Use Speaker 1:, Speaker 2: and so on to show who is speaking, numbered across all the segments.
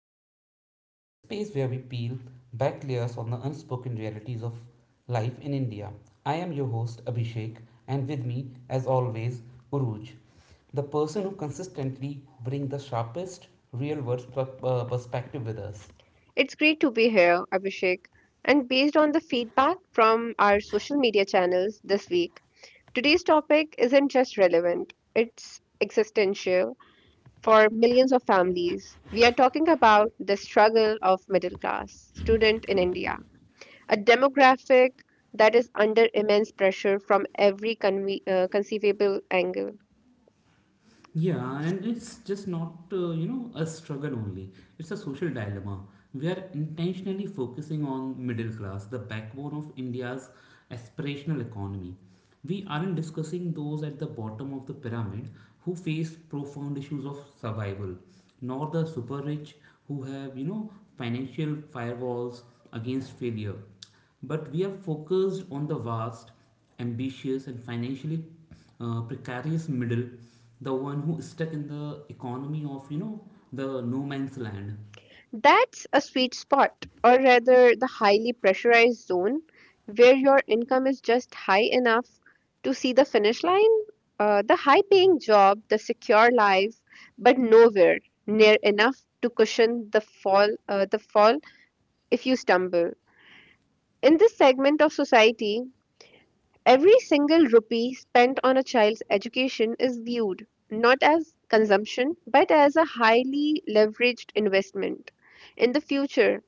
Speaker 1: cooker, the space where we peel back layers on the unspoken realities of life in India. I am your host Abhishek, and with me, as always, Uruj, the person who consistently brings the sharpest real world perspective with us.
Speaker 2: It's great to be here, Abhishek. And based on the feedback from our social media channels this week, today's topic isn't just relevant, it's existential for millions of families. We are talking about the struggle of middle class student in India, a demographic that is under immense pressure from every conceivable angle.
Speaker 1: Yeah, and it's just not, a struggle only. It's a social dilemma. We are intentionally focusing on middle class, the backbone of India's aspirational economy. We aren't discussing those at the bottom of the pyramid who face profound issues of survival, nor the super rich who have, financial firewalls against failure, but we are focused on the vast, ambitious, and financially precarious middle, the one who is stuck in the economy of the no man's land.
Speaker 2: That's a sweet spot, or rather, the highly pressurized zone where your income is just high enough to see the finish line, the high paying job, the secure life, but nowhere near enough to cushion the fall if you stumble. In this segment of society, every single rupee spent on a child's education is viewed not as consumption but as a highly leveraged investment in the future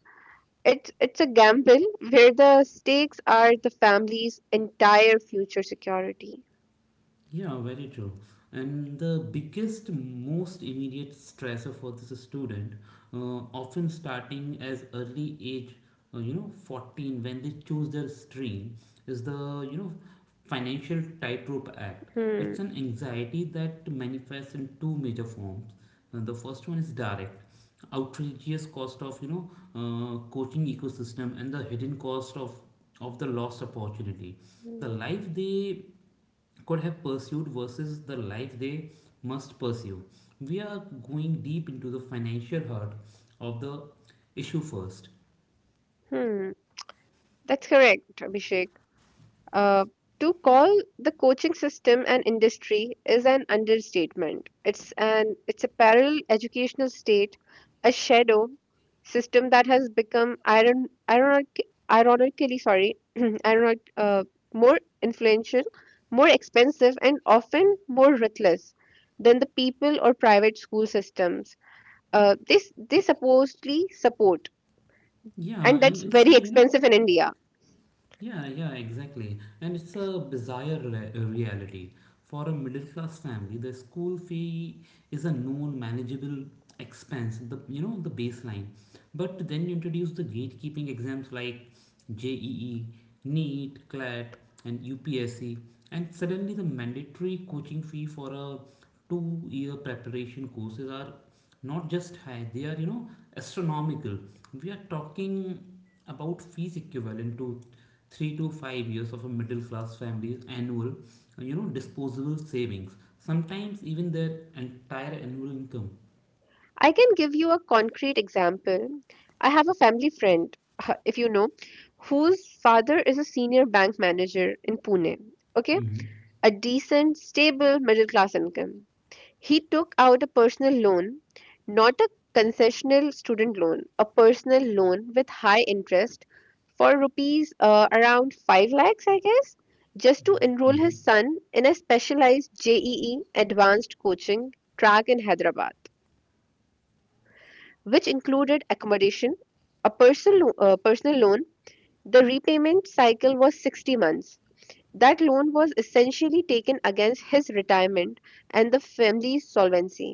Speaker 2: it's it's a gamble where the stakes are the family's entire future security.
Speaker 1: Yeah, very true. And the biggest, most immediate stressor for this student, often starting as early age, 14, when they choose their stream, is the, financial tightrope act.
Speaker 2: Hmm.
Speaker 1: It's an anxiety that manifests in two major forms. The first one is direct, outrageous cost of, coaching ecosystem and the hidden cost of the lost opportunity. The life they could have pursued versus the life they must pursue. We are going deep into the financial heart of the issue first.
Speaker 2: Hmm. That's correct, Abhishek. Uh, to call the coaching system an industry is an understatement. It's a parallel educational state, a shadow system that has become ironically sorry ironic more influential, more expensive, and often more ruthless than the people or private school systems. This they supposedly support,
Speaker 1: Yeah,
Speaker 2: and
Speaker 1: and
Speaker 2: that's
Speaker 1: it's
Speaker 2: very
Speaker 1: a,
Speaker 2: expensive in India.
Speaker 1: yeah, yeah, exactly. And it's a bizarre reality. For a middle class family, the school fee is a known manageable expense, the the baseline. But then you introduce the gatekeeping exams like JEE, NEET, CLAT, and UPSC, and suddenly the mandatory coaching fee for a two-year preparation courses are not just high, they are, astronomical. We are talking about fees equivalent to 3 to 5 years of a middle class family's annual disposable savings, sometimes even their entire annual income.
Speaker 2: I can give you a concrete example. I have a family friend, if you know, whose father is a senior bank manager in Pune. Okay,
Speaker 1: Hmm.
Speaker 2: a decent, stable, middle class income. He took out a personal loan, not a concessional student loan, a personal loan with high interest for rupees around 5 lakhs, I guess, just to enroll
Speaker 1: Hmm.
Speaker 2: his son in a specialized JEE advanced coaching track in Hyderabad, which included accommodation, a personal loan. The repayment cycle was 60 months. That loan was essentially taken against his retirement and the family's solvency.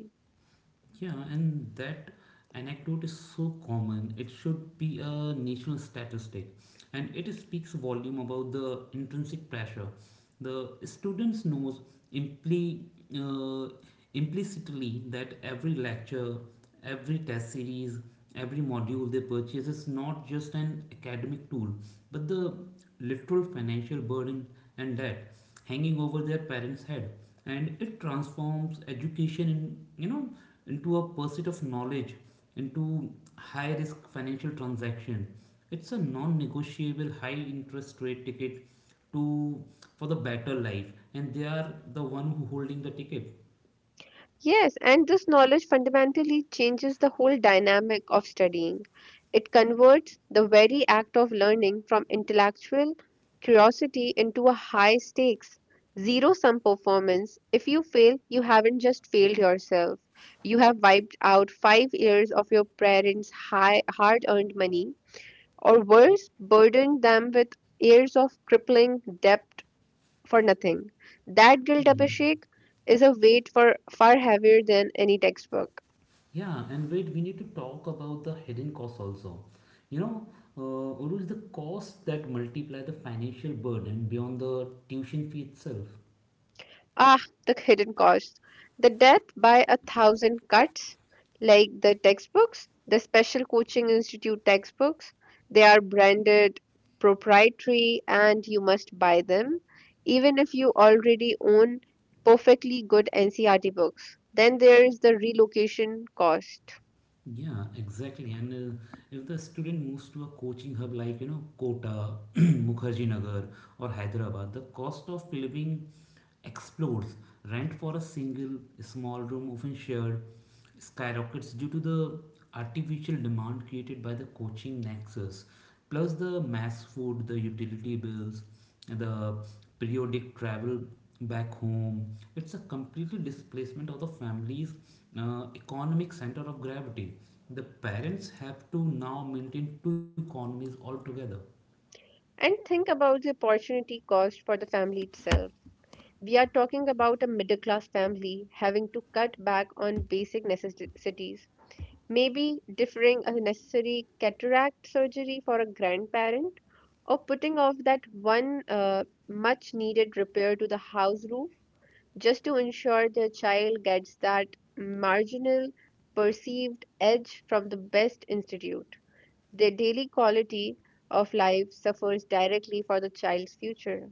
Speaker 1: Yeah, and that anecdote is so common. It should be a national statistic, and it speaks volume about the intrinsic pressure. The students knows impli- uh, implicitly that every lecture, every test series, every module they purchase is not just an academic tool, but the literal financial burden and debt hanging over their parents' head, and it transforms education in you know into a pursuit of knowledge, into high risk financial transaction. It's a non-negotiable high interest rate ticket to for the better life, and they are the one who holding the ticket.
Speaker 2: Yes, and this knowledge fundamentally changes the whole dynamic of studying. It converts the very act of learning from intellectual curiosity into a high stakes, zero sum performance. If you fail, you haven't just failed yourself. You have wiped out 5 years of your parents' high, hard earned money, or worse, burdened them with years of crippling debt for nothing. That guilt,
Speaker 1: Mhm.
Speaker 2: Abhishek, is a weight for far heavier than any textbook.
Speaker 1: Yeah, and wait, we need to talk about the hidden costs also. You know, Uruj, the costs that multiply the financial burden beyond the tuition fee itself.
Speaker 2: Ah, the hidden costs. The death by 1,000 cuts, like the textbooks, the special coaching institute textbooks, they are branded proprietary and you must buy them, even if you already own perfectly good NCRT books. Then there is the relocation cost.
Speaker 1: Yeah, exactly. And uh, if the student moves to a coaching hub like, Kota, Mukherjee Nagar, or Hyderabad, the cost of living explodes. Rent for a single small room, often shared, skyrockets due to the artificial demand created by the coaching nexus, plus the mass food, the utility bills, the periodic travel back home. It's a completely displacement of the family's economic center of gravity. The parents have to now maintain two economies altogether.
Speaker 2: And think about the opportunity cost for the family itself. We are talking about a middle class family having to cut back on basic necessities, maybe deferring a necessary cataract surgery for a grandparent, or putting off that one much needed repair to the house roof, just to ensure their child gets that marginal perceived edge from the best institute. Their daily quality of life suffers directly for the child's future.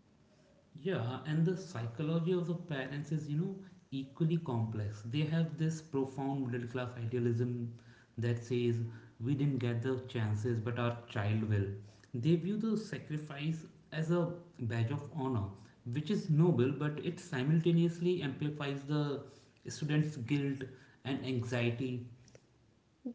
Speaker 1: Yeah, and the psychology of the parents is, equally complex. They have this profound middle class idealism that says we didn't get the chances, but our child will. They view the sacrifice as a badge of honor, which is noble, but it simultaneously amplifies the student's guilt and anxiety.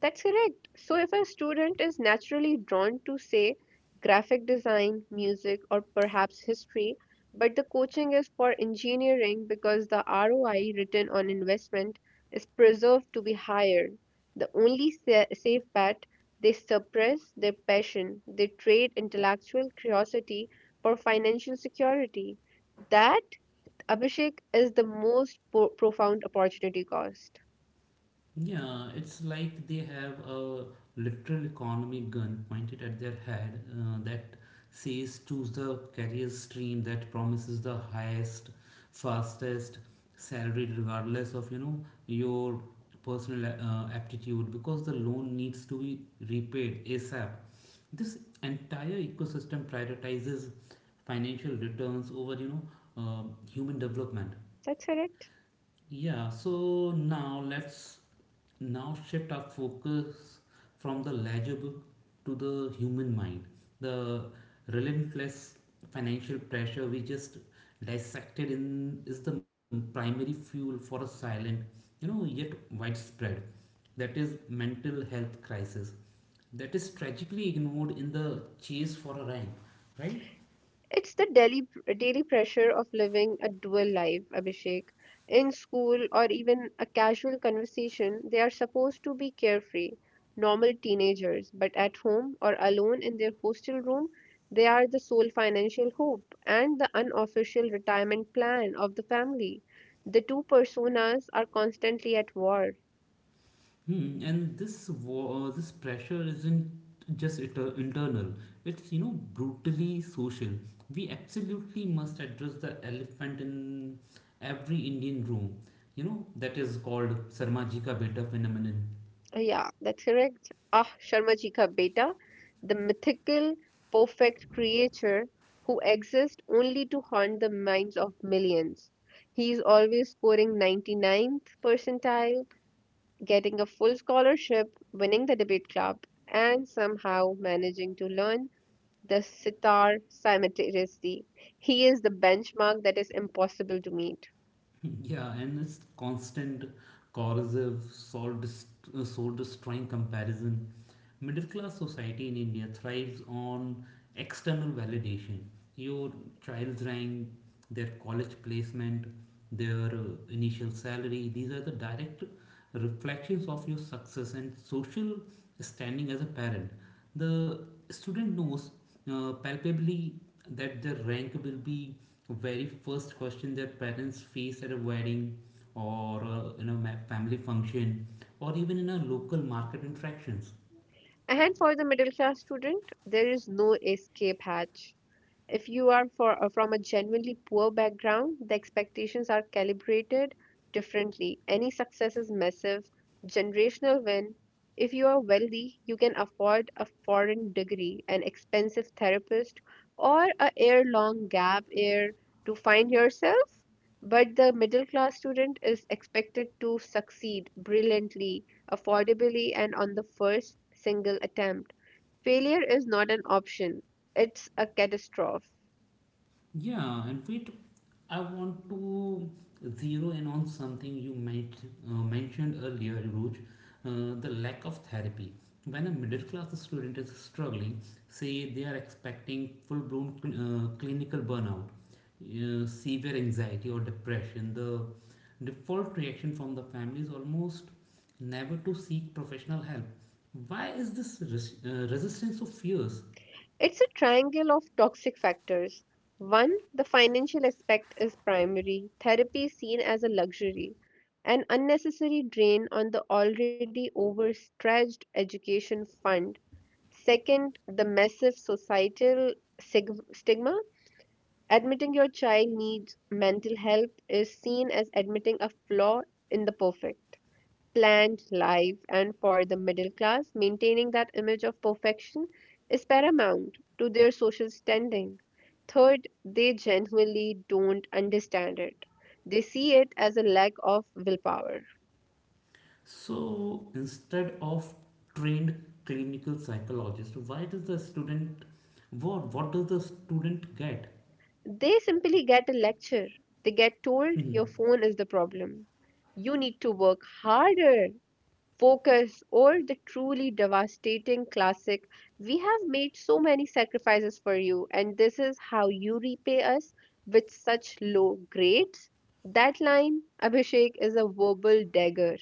Speaker 2: That's correct. So, if a student is naturally drawn to, say, graphic design, music, or perhaps history, but the coaching is for engineering because the ROI written on investment is preserved to be higher, the safe bet, they suppress their passion, they trade intellectual curiosity for financial security. That, Abhishek, is the most profound opportunity cost.
Speaker 1: Yeah, it's like they have a literal economic gun pointed at their head, that says choose the career stream that promises the highest, fastest salary regardless of your personal aptitude, because the loan needs to be repaid ASAP. This entire ecosystem prioritizes financial returns over human development.
Speaker 2: That's correct.
Speaker 1: Yeah, so now let's now shift our focus from the ledger book to the human mind. The relentless financial pressure we just dissected in is the primary fuel for a silent, yet widespread, that is mental health crisis that is tragically ignored in the chase for a rank, right?
Speaker 2: It's the daily pressure of living a dual life, Abhishek. In school or even a casual conversation, they are supposed to be carefree, normal teenagers, but at home or alone in their hostel room, they are the sole financial hope and the unofficial retirement plan of the family. The two personas are constantly at war.
Speaker 1: Hmm, and this war, this pressure isn't just internal. It's brutally social. We absolutely must address the elephant in every Indian room. You know that is called Sarma Ji ka beta phenomenon.
Speaker 2: Yeah, that's correct. Ah, Sharma ji ka beta, the mythical, perfect creature who exists only to haunt the minds of millions. He is always scoring ninety ninth percentile, getting a full scholarship, winning the debate club, and somehow managing to learn the sitar simultaneously. He is the benchmark that is impossible to meet.
Speaker 1: Yeah, and it's constant, corrosive, soul, soul destroying comparison. Middle class society in India thrives on external validation. Your child's rank, their college placement, their initial salary, these are the direct reflections of your success and social standing as a parent. The student knows palpably that their rank will be so, very first question their parents face at a wedding or family function or even in a local market interactions.
Speaker 2: And for the middle class student, there is no escape hatch. If you are from a genuinely poor background, the expectations are calibrated differently. Any success is massive, generational win. If you are wealthy, you can afford a foreign degree, an expensive therapist, or a year-long gap year to find yourself. But the middle-class student is expected to succeed brilliantly, affordably, and on the first single attempt. Failure is not an option; it's a catastrophe.
Speaker 1: Yeah, and wait, I want to zero in on something you might mentioned earlier, Ruj, the lack of therapy. When a middle class student is struggling, say they are expecting full blown clinical burnout, severe anxiety, or depression, the default reaction from the family is almost never to seek professional help. Why is this resistance so fierce?
Speaker 2: It's a triangle of toxic factors. One, the financial aspect is primary. Therapy is seen as a luxury, an unnecessary drain on the already overstretched education fund. Second, the massive societal stigma. Admitting your child needs mental help is seen as admitting a flaw in the perfect planned life, and for the middle class, maintaining that image of perfection is paramount to their social standing. Third, they genuinely don't understand it. They see it as a lack of willpower.
Speaker 1: So instead of trained clinical psychologist, why does the student, what does the student get?
Speaker 2: They simply get a lecture. They get told your
Speaker 1: Hmm.
Speaker 2: phone is the problem. You need to work harder, focus, or the truly devastating classic, we have made so many sacrifices for you, and this is how you repay us with such low grades? That line, Abhishek, is a verbal dagger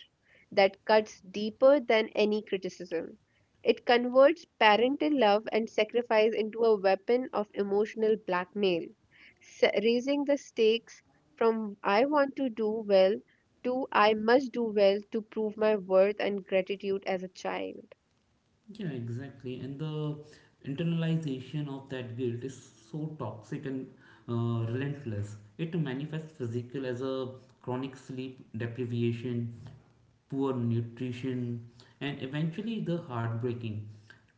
Speaker 2: that cuts deeper than any criticism. It converts parental love and sacrifice into a weapon of emotional blackmail, raising the stakes from I want to do well two, I must do well to prove my worth and gratitude as a child.
Speaker 1: Yeah, exactly. And the internalization of that guilt is so toxic and relentless. It manifests physical as a chronic sleep deprivation, poor nutrition, and eventually the heartbreaking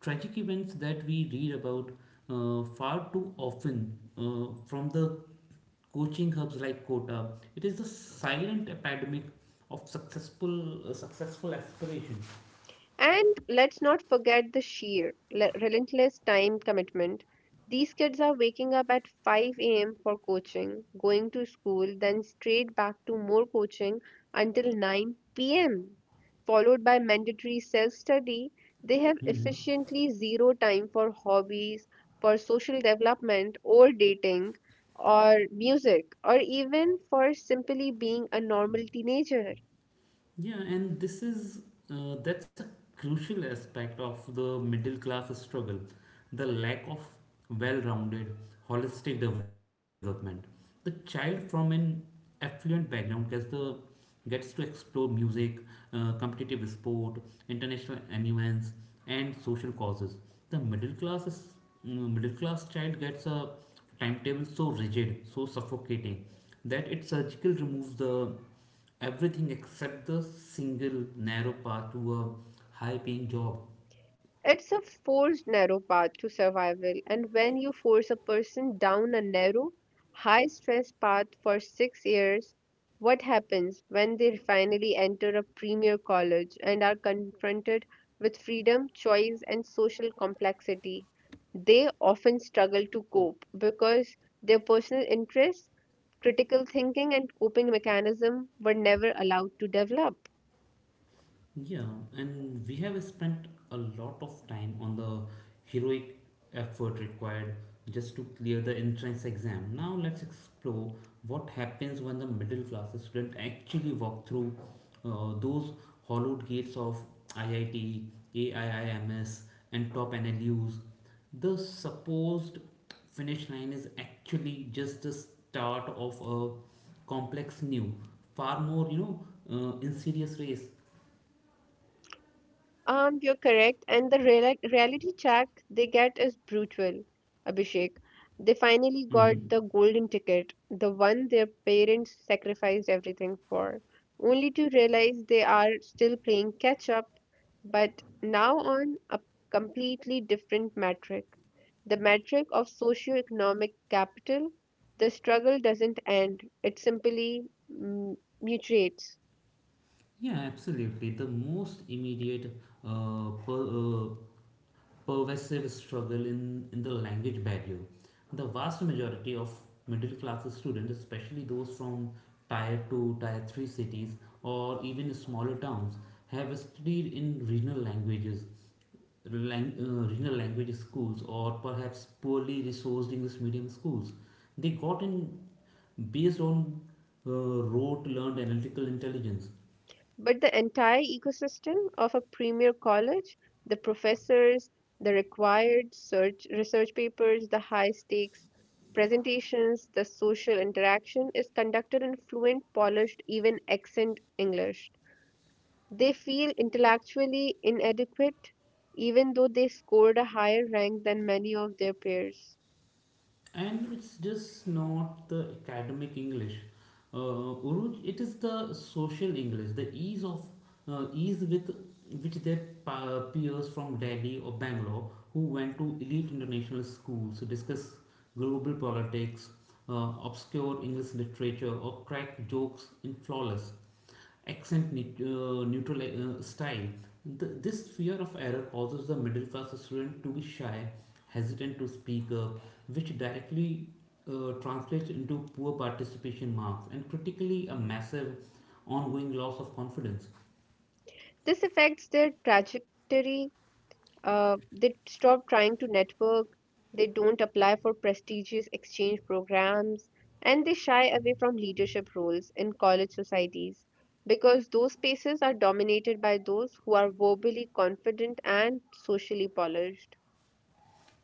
Speaker 1: tragic events that we read about far too often, from the coaching hubs like Kota. It is the silent epidemic of successful aspiration.
Speaker 2: And let's not forget the sheer, relentless time commitment. These kids are waking up at 5 a.m. for coaching, going to school, then straight back to more coaching until 9 p.m., followed by mandatory self study, they have
Speaker 1: Mhm.
Speaker 2: efficiently zero time for hobbies, for social development, or dating, or music, or even for simply being a normal teenager.
Speaker 1: Yeah, and this is that's a crucial aspect of the middle class struggle, the lack of well-rounded, holistic development. The child from an affluent background gets to explore music, competitive sport, international ambience, and social causes. The middle class is, middle class child gets a timetable so rigid, so suffocating, that its surgical removes the everything except the single narrow path to a high paying job.
Speaker 2: It's a forced narrow path to survival, and when you force a person down a narrow, high stress path for 6 years, what happens when they finally enter a premier college and are confronted with freedom, choice, and social complexity? They often struggle to cope because their personal interests, critical thinking, and coping mechanism were never allowed to develop.
Speaker 1: Yeah, and we have spent a lot of time on the heroic effort required just to clear the entrance exam. Now let's explore what happens when the middle class student actually walk through those hollowed gates of IIT, AIIMS, and top NLUs. The supposed finish line is actually just the start of a complex new, far more insidious race.
Speaker 2: You're correct. And the reality check they get is brutal, Abhishek. They finally got
Speaker 1: Hmm.
Speaker 2: the golden ticket, the one their parents sacrificed everything for, only to realize they are still playing catch up, but now on a completely different metric. The metric of socioeconomic capital, the struggle doesn't end, it simply mm, mutates.
Speaker 1: Yeah, absolutely. The most immediate uh, per, uh, pervasive struggle in the language barrier. The vast majority of middle class students, especially those from tier 2, tier 3 cities, or even smaller towns, have studied in regional languages, regional language schools, or perhaps poorly resourced English medium schools. They got in based on uh, rote learned analytical intelligence.
Speaker 2: But the entire ecosystem of a premier college, the professors, the required research papers, the high stakes presentations, the social interaction is conducted in fluent, polished, even accent English. They feel intellectually inadequate even though they scored a higher rank than many of their peers.
Speaker 1: And it's just not the academic English. Uruj, it is the social English, the ease of ease with which their peers from Delhi or Bangalore who went to elite international schools to discuss global politics, obscure English literature, or crack jokes in flawless neutral style. Th This fear of error causes the middle class student to be shy, hesitant to speak up, which directly translates into poor participation marks and critically a massive ongoing loss of confidence.
Speaker 2: This affects their trajectory. They stop trying to network, they don't apply for prestigious exchange programs, and they shy away from leadership roles in college societies because those spaces are dominated by those who are verbally confident and socially polished.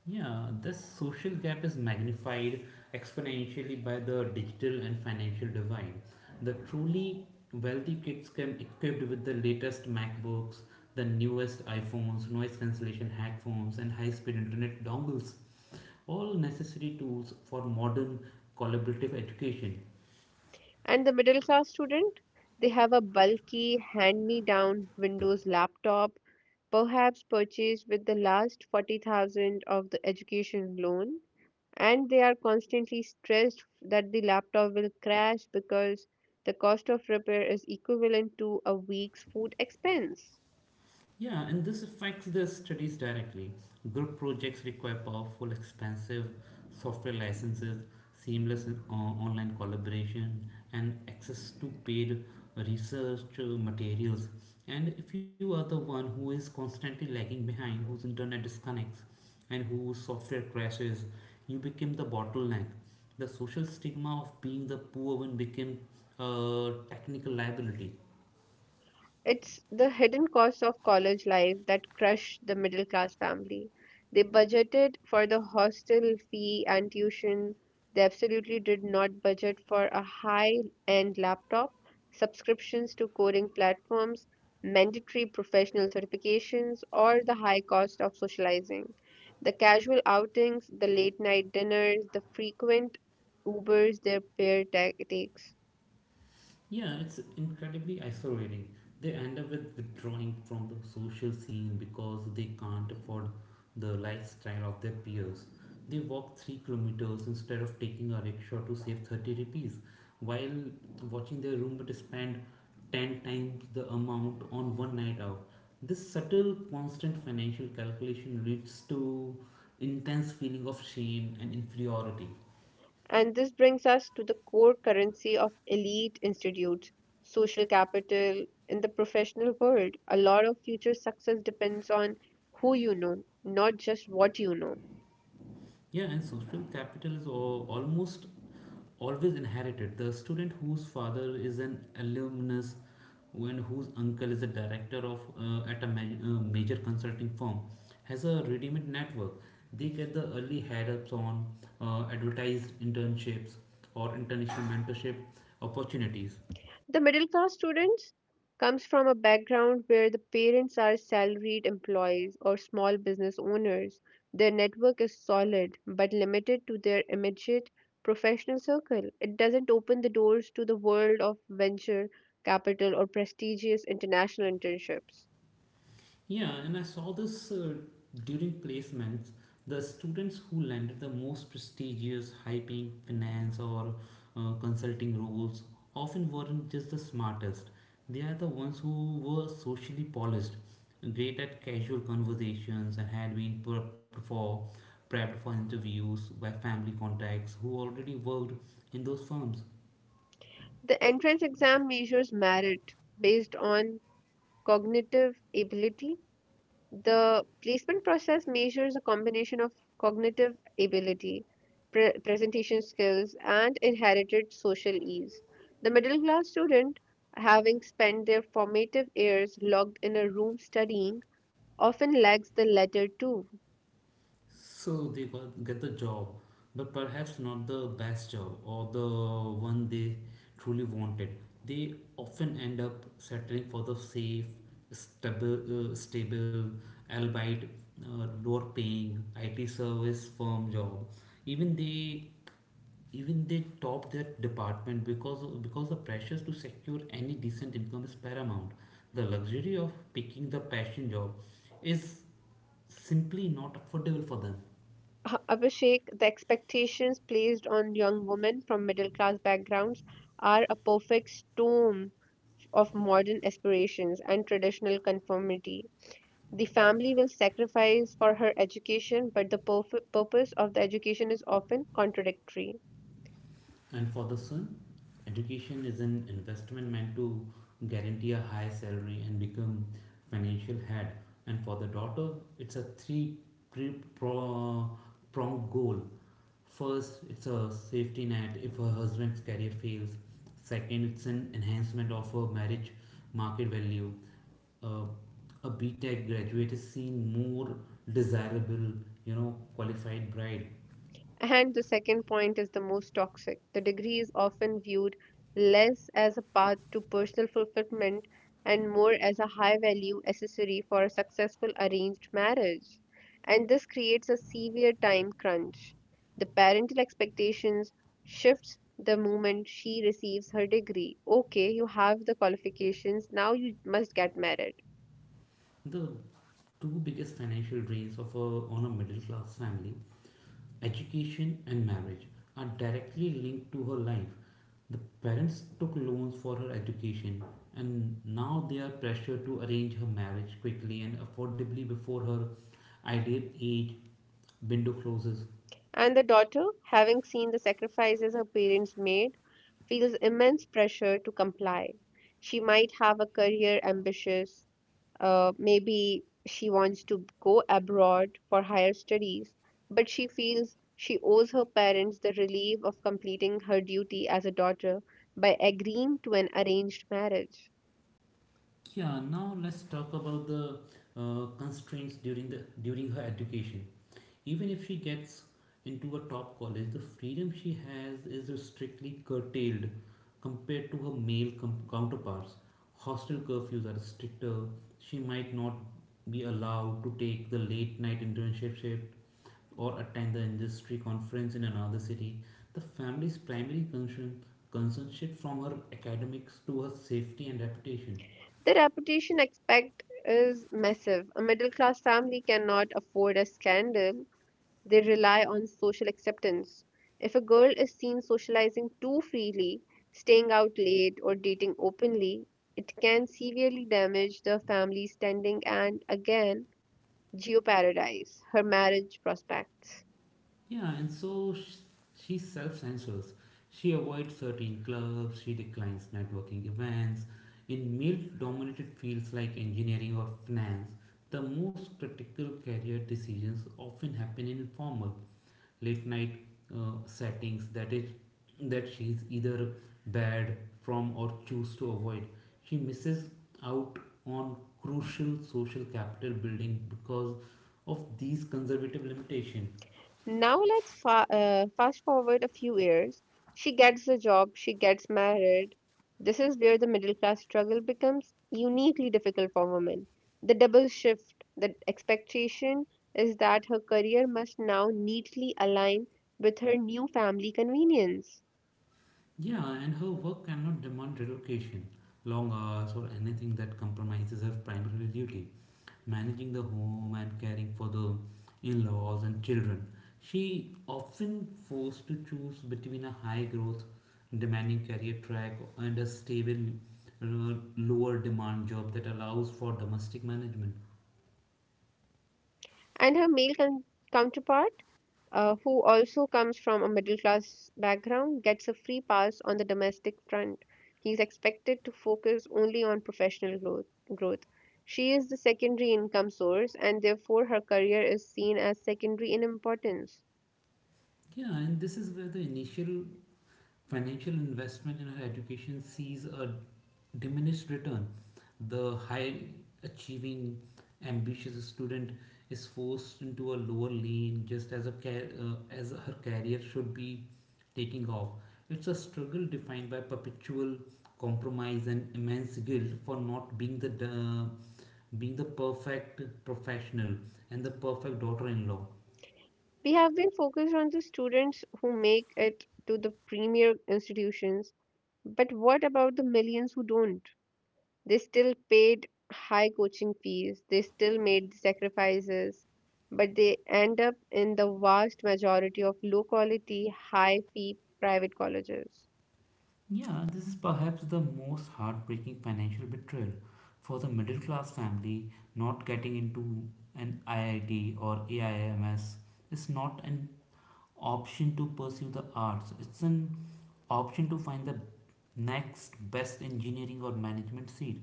Speaker 1: Yeah, this social gap is magnified exponentially by the digital and financial divide. The truly wealthy kids come equipped with the latest MacBooks, the newest iPhones, noise cancellation headphones, and high speed internet dongles. All necessary tools for modern collaborative education.
Speaker 2: And the middle class student, they have a bulky, hand me down Windows laptop, perhaps purchased with the last 40,000 of the education loan, and they are constantly stressed that the laptop will crash because the cost of repair is equivalent to a week's food expense.
Speaker 1: Yeah, and this affects their studies directly. Group projects require powerful, expensive software licenses, seamless online collaboration, and access to paid research materials. And if you are the one who is constantly lagging behind, whose internet disconnects, and whose software crashes, you become the bottleneck. The social stigma of being the poor one became a technical liability.
Speaker 2: It's the hidden costs of college life that crush the middle class family. They budgeted for the hostel fee and tuition. They absolutely did not budget for a high end laptop, subscriptions to coding platforms, mandatory professional certifications, or the high cost of socializing. The casual outings, the late night dinners, the frequent Ubers their takes.
Speaker 1: Yeah, it's incredibly isolating. They end up with withdrawing from the social scene because they can't afford the lifestyle of their peers. They walk 3 kilometers instead of taking a rickshaw to save 30 rupees, while watching their roommate spend 10 times the amount on one night out. This subtle, constant financial calculation leads to intense feeling of shame and inferiority.
Speaker 2: And this brings us to the core currency of elite institutes, social capital. In the professional world, a lot of future success depends on who you know, not just what you know.
Speaker 1: Yeah, and social capital is almost always inherited. The student whose father is an alumnus and whose uncle is a director of, major consulting firm, has a ready-made network. They get the early head-ups on advertised internships or international mentorship opportunities.
Speaker 2: The middle class students comes from a background where the parents are salaried employees or small business owners. Their network is solid but limited to their immediate professional circle. It doesn't open the doors to the world of venture capital or prestigious international internships.
Speaker 1: Yeah, and I saw this during placements. The students who landed the most prestigious high paying finance or consulting roles often weren't just the smartest. They are the ones who were socially polished, great at casual conversations, and had been prepped for interviews by family contacts who already worked in those firms.
Speaker 2: The entrance exam measures merit based on cognitive ability. The placement process measures a combination of cognitive ability, presentation skills, and inherited social ease. The middle class student, having spent their formative years locked in a room studying, often lacks the latter too.
Speaker 1: So they get the job, but perhaps not the best job or the one they truly wanted. They often end up settling for the safe, stable, albeit lower paying IT service firm job. Even they Even they top their department because the pressures to secure any decent income is paramount. The luxury of picking the passion job is simply not affordable for them.
Speaker 2: Abhishek, the expectations placed on young women from middle class backgrounds are a perfect storm of modern aspirations and traditional conformity. The family will sacrifice for her education, but the purpose of the education is often contradictory.
Speaker 1: And for the son, education is an investment meant to guarantee a high salary and become financial head. And for the daughter, it's a three pre- pro- pronged goal. First, it's a safety net if her husband's career fails. Second, it's an enhancement of her marriage market value. Uh, a BTech graduate is seen more desirable, qualified bride.
Speaker 2: And the second point is the most toxic. The degree is often viewed less as a path to personal fulfillment and more as a high value accessory for a successful arranged marriage. And this creates a severe time crunch. The parental expectations shifts the moment she receives her degree. Okay, you have the qualifications, now you must get married.
Speaker 1: The two biggest financial drains of on a middle class family, education and marriage, are directly linked to her life. The parents took loans for her education, and now they are pressured to arrange her marriage quickly and affordably before her ideal age window closes.
Speaker 2: And the daughter, having seen the sacrifices her parents made, feels immense pressure to comply. She might have a career ambitious, maybe she wants to go abroad for higher studies, but she feels she owes her parents the relief of completing her duty as a daughter by agreeing to an arranged marriage.
Speaker 1: Yeah, now let's talk about the constraints during her education. Even if she gets into a top college, the freedom she has is strictly curtailed compared to her male counterparts. Hostel curfews are stricter. She might not be allowed to take the late night internship shift or attend the industry conference in another city. The family's primary concern shift from her academics to her safety and reputation.
Speaker 2: The reputation aspect is massive. A middle class family cannot afford a scandal, they rely on social acceptance. If a girl is seen socializing too freely, staying out late, or dating openly, it can severely damage the family's standing and again Geo Paradise, her marriage prospects.
Speaker 1: Yeah, and she self censors. She avoids certain clubs, she declines networking events. In male dominated fields like engineering or finance, the most critical career decisions often happen in informal, late night settings that she is either bad from or choose to avoid. She misses out on crucial social capital building because of these conservative limitations.
Speaker 2: Now let's fa fast forward a few years. She gets the job, she gets married. This is where the middle class struggle becomes uniquely difficult for women. The double shift, the expectation is that her career must now neatly align with her new family convenience.
Speaker 1: Yeah, and her work cannot demand relocation, long hours, or anything that compromises her primary duty managing the home and caring for the in laws and children. She often forced to choose between a high growth, demanding career track and a stable, lower demand job that allows for domestic management.
Speaker 2: And her male con counterpart, who also comes from a middle class background, gets a free pass on the domestic front. He is expected to focus only on professional growth. She is the secondary income source, and therefore her career is seen as secondary in importance.
Speaker 1: Yeah, and this is where the initial financial investment in her education sees a diminished return. The high achieving, ambitious student is forced into a lower lane just as, as her career should be taking off. It's a struggle defined by perpetual compromise and immense guilt for not being the perfect professional and the perfect daughter-in-law.
Speaker 2: We have been focused on the students who make it to the premier institutions, but what about the millions who don't? They still paid high coaching fees, they still made sacrifices, but they end up in the vast majority of low quality, high fee private colleges.
Speaker 1: Yeah, this is perhaps the most heartbreaking financial betrayal for the middle class family. Not getting into an IIT or AIMS is not an option to pursue the arts, it's an option to find the next best engineering or management seat,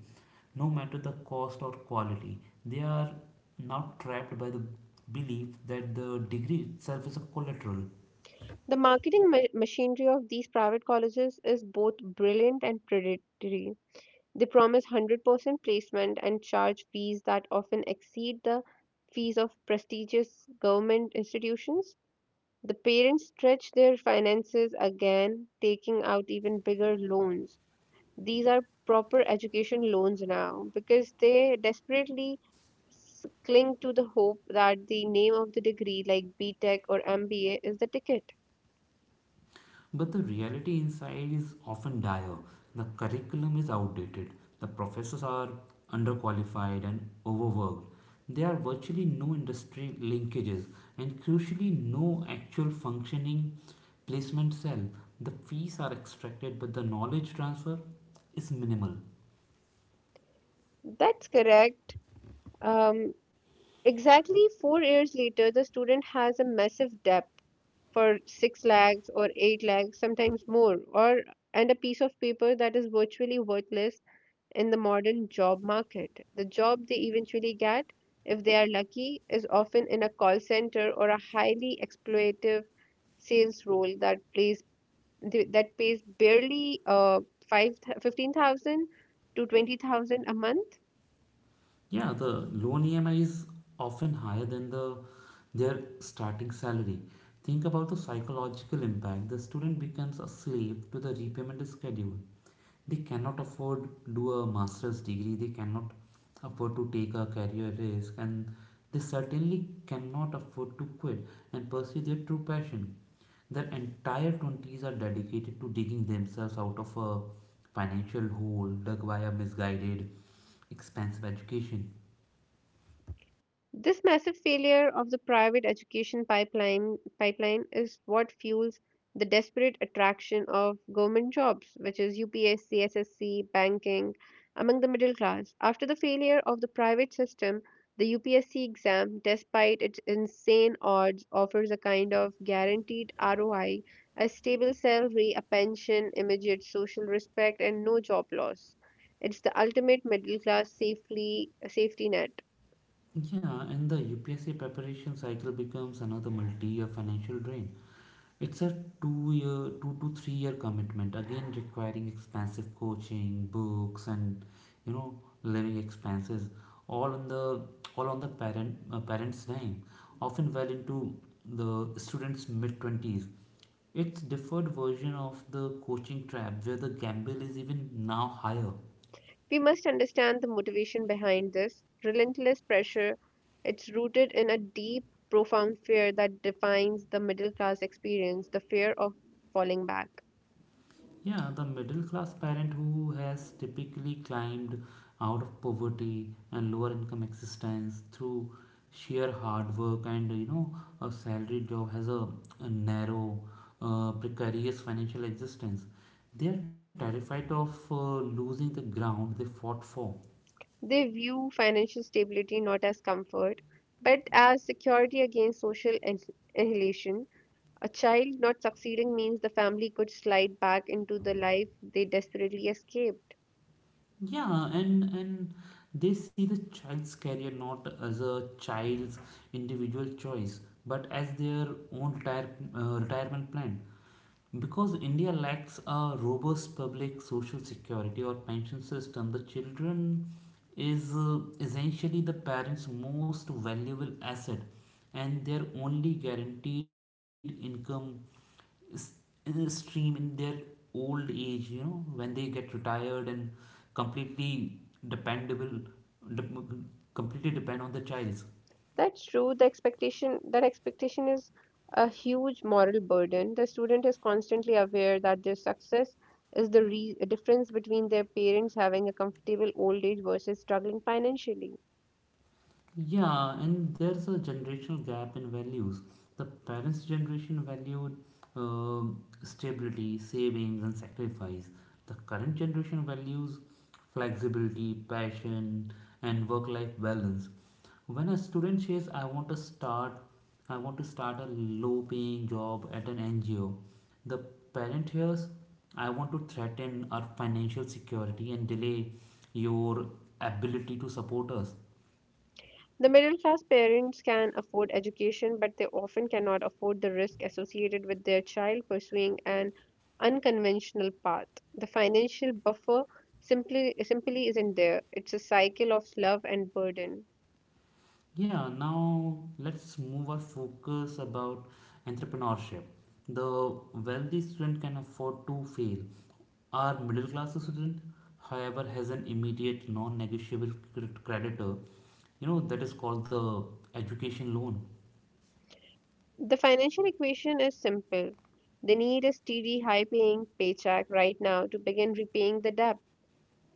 Speaker 1: no matter the cost or quality. They are not trapped by the belief that the degree itself is a collateral.
Speaker 2: The machinery of these private colleges is both brilliant and predatory. They promise 100% placement and charge fees that often exceed the fees of prestigious government institutions. The parents stretch their finances again, taking out even bigger loans, these are proper education loans now, because they desperately cling to the hope that the name of the degree like B.Tech or MBA is the ticket.
Speaker 1: But the reality inside is often dire. The curriculum is outdated, the professors are underqualified and overworked. There are virtually no industry linkages and, crucially, no actual functioning placement cell. The fees are extracted, but the knowledge transfer is minimal.
Speaker 2: That's correct. um, exactly 4 years later the student has a massive debt for 6 lakhs or 8 lakhs, sometimes more, or and a piece of paper that is virtually worthless in the modern job market. The job they eventually get, if they are lucky, is often in a call center or a highly exploitative sales role that that pays barely 5, 15,000 to 20,000 a month.
Speaker 1: Yeah, the loan EMI is often higher than their starting salary. Think about the psychological impact. The student becomes a slave to the repayment schedule. They cannot afford do a master's degree. They cannot afford to take a career risk, and they certainly cannot afford to quit and pursue their true passion. Their entire 20s are dedicated to digging themselves out of a financial hole dug by a misguided expensive education.
Speaker 2: This massive failure of the private education pipeline is what fuels the desperate attraction of government jobs, which is UPSC, SSC, banking, among the middle class. After the failure of the private system, the UPSC exam, despite its insane odds, offers a kind of guaranteed ROI, a stable salary, a pension, immediate social respect, and no job loss. It's the ultimate middle class safely safety net.
Speaker 1: Yeah, and the UPSC preparation cycle becomes another multi-year financial drain. It's a 2 year, 2 to 3 year commitment, again requiring expensive coaching, books, and living expenses, all on the all on the parents' name. Often well into the students' mid twenties. It's differed version of the coaching trap, where the gamble is even now higher.
Speaker 2: We must understand the motivation behind this relentless pressure. It's rooted in a deep, profound fear that defines the middle class experience, the fear of falling back.
Speaker 1: Yeah, the middle class parent who has typically climbed out of poverty and lower income existence through sheer hard work and a salary job has a narrow, precarious financial existence. They are terrified of losing the ground they fought for.
Speaker 2: They view financial stability not as comfort, but as security against annihilation. A child not succeeding means the family could slide back into the life they desperately escaped.
Speaker 1: Yeah, and they see the child's career not as a child's individual choice, but as their own retirement plan. Because India lacks a robust public social security or pension system, the children is essentially the parents' most valuable asset, and their only guaranteed income is, stream in their old age, when they get retired and completely dependable, dep completely depend on the child.
Speaker 2: That's true. The expectation that expectation is a huge moral burden. The student is constantly aware that their success is the difference between their parents having a comfortable old age versus struggling financially.
Speaker 1: Yeah, and there's a generational gap in values. The parents' generation valued stability, savings, and sacrifice. The current generation values flexibility, passion, and work-life balance. When a student says, " I want to start a low-paying job at an NGO," the parent hears, "I want to threaten our financial security and delay your ability to support us."
Speaker 2: The middle class parents can afford education, but they often cannot afford the risk associated with their child pursuing an unconventional path. The financial buffer simply isn't there. It's a cycle of love and burden.
Speaker 1: Yeah, now let's move our focus about entrepreneurship. The wealthy student can afford to fail. Our middle class student, however, has an immediate non-negotiable creditor, that is called the education loan.
Speaker 2: The financial equation is simple. They need a steady, high paying paycheck right now to begin repaying the debt.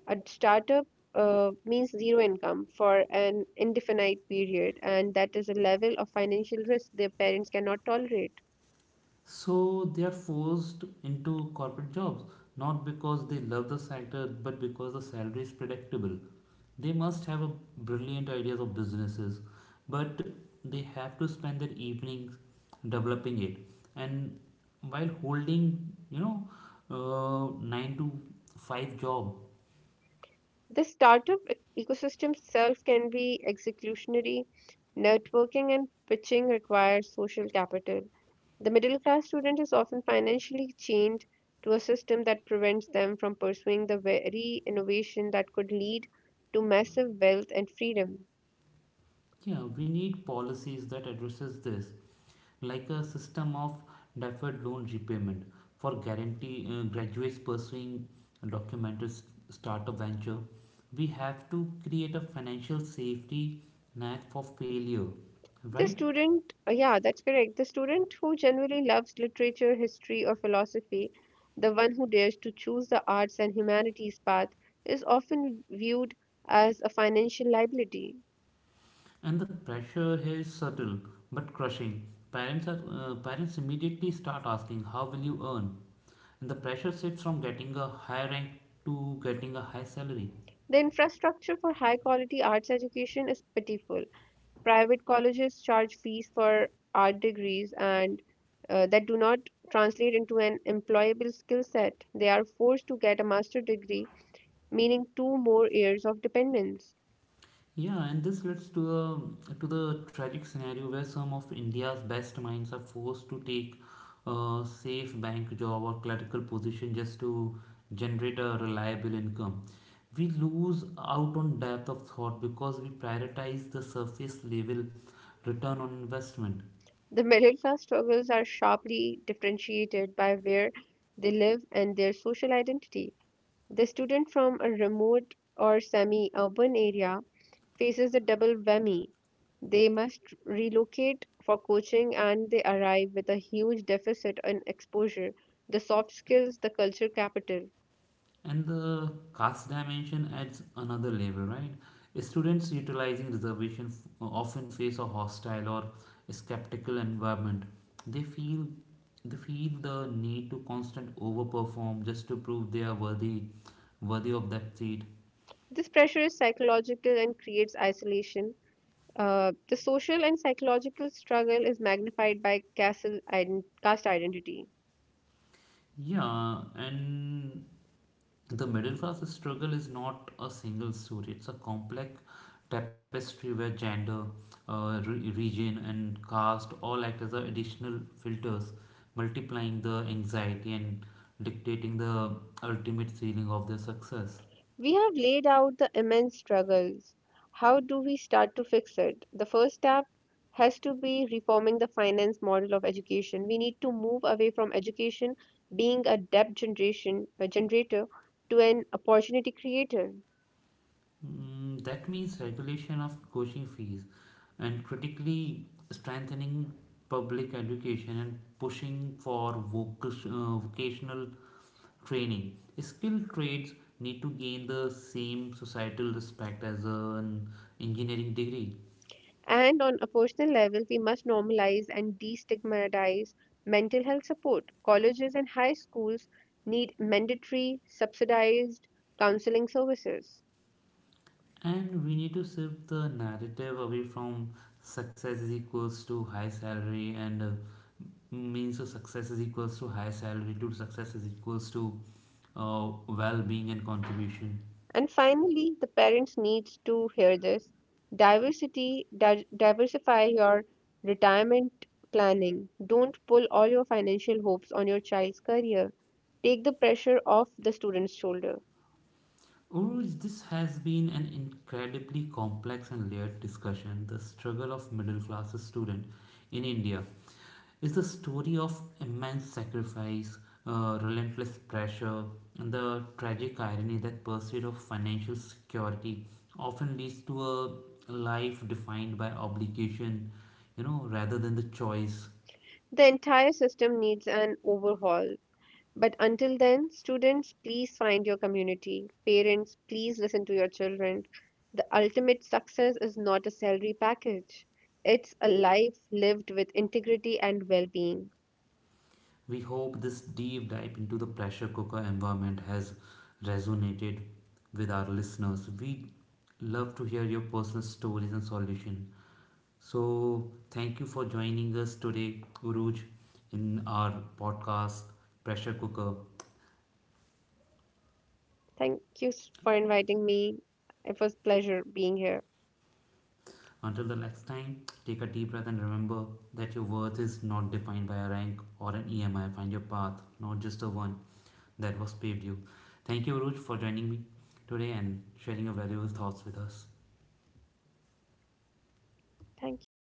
Speaker 2: A startup means zero income for an indefinite period, and that is a level of financial risk their parents cannot tolerate.
Speaker 1: So they are forced into corporate jobs, not because they love the sector, but because the salary is predictable. They must have a brilliant ideas of businesses, but they have to spend their evenings developing it. And while holding, nine to five job.
Speaker 2: The ecosystem itself can be executionary. Networking and pitching requires social capital. The middle class student is often financially chained to a system that prevents them from pursuing the very innovation that could lead to massive wealth and freedom.
Speaker 1: Yeah, we need policies that addresses this, like a system of deferred loan repayment for guarantee graduates pursuing a documented startup venture. We have to create a financial safety net for failure,
Speaker 2: The
Speaker 1: right?
Speaker 2: student, yeah, that's correct. The student who generally loves literature, history, or philosophy, the one who dares to choose the arts and humanities path, is often viewed as a financial liability.
Speaker 1: And the pressure here is subtle but crushing. Parents immediately start asking, "How will you earn?" And the pressure shifts from getting a high rank to getting a high salary.
Speaker 2: The infrastructure for high quality arts education is pitiful. Private colleges charge fees for art degrees and that do not translate into an employable skill set. They are forced to get a master degree, meaning two more years of dependence.
Speaker 1: Yeah, and this leads to the tragic scenario where some of India's best minds are forced to take a safe bank job or clerical position just to generate a reliable income. We lose out on depth of thought because we prioritize the surface level return on investment.
Speaker 2: The middle class struggles are sharply differentiated by where they live and their social identity. The student from a remote or semi urban area faces a double whammy. They must relocate for coaching and they arrive with a huge deficit in exposure, the soft skills, the culture capital.
Speaker 1: And the caste dimension adds another level, right? Students utilizing reservation often face a hostile or skeptical environment. They feel they feel the need to constant overperform just to prove they are worthy of that seat.
Speaker 2: This pressure is psychological and creates isolation. The social and psychological struggle is magnified by caste identity.
Speaker 1: Yeah, and the middle class struggle is not a single story, it's a complex tapestry where gender, region, and caste all act as a additional filters, multiplying the anxiety and dictating the ultimate ceiling of their success.
Speaker 2: We have laid out the immense struggles. How do we start to fix it? The first step has to be reforming the finance model of education. We need to move away from education being a debt generation a generator to an opportunity creator.
Speaker 1: Mm, that means regulation of coaching fees and critically strengthening public education and pushing for vocational training. Skilled trades need to gain the same societal respect as an engineering degree.
Speaker 2: And on a personal level, we must normalize and destigmatize mental health support. Colleges and high schools need mandatory, subsidized counseling services.
Speaker 1: And we need to shift the narrative away from success is equals to high salary and means of success is equals to high salary to success is equals to well-being and contribution.
Speaker 2: And finally, the parents need to hear this. Diversify your retirement planning. Don't pull all your financial hopes on your child's career. Take the pressure off the student's shoulder.
Speaker 1: Overall, this has been an incredibly complex and layered discussion. The struggle of middle class student in India is the story of immense sacrifice, relentless pressure, and the tragic irony that pursuit of financial security often leads to a life defined by obligation, rather than the choice.
Speaker 2: The entire system needs an overhaul. But until then, students, please find your community. Parents, please listen to your children. The ultimate success is not a salary package, it's a life lived with integrity and well being.
Speaker 1: We hope this deep dive into the pressure cooker environment has resonated with our listeners. We love to hear your personal stories and solutions. So, thank you for joining us today, Guruj, in our podcast, Pressure Cooker.
Speaker 2: Thank you for inviting me. It was pleasure being here.
Speaker 1: Until the next time, take a deep breath and remember that your worth is not defined by a rank or an EMI. Find your path, not just the one that was paved you. Thank you, Guruj, for joining me today and sharing your valuable thoughts with us.
Speaker 2: Thank you.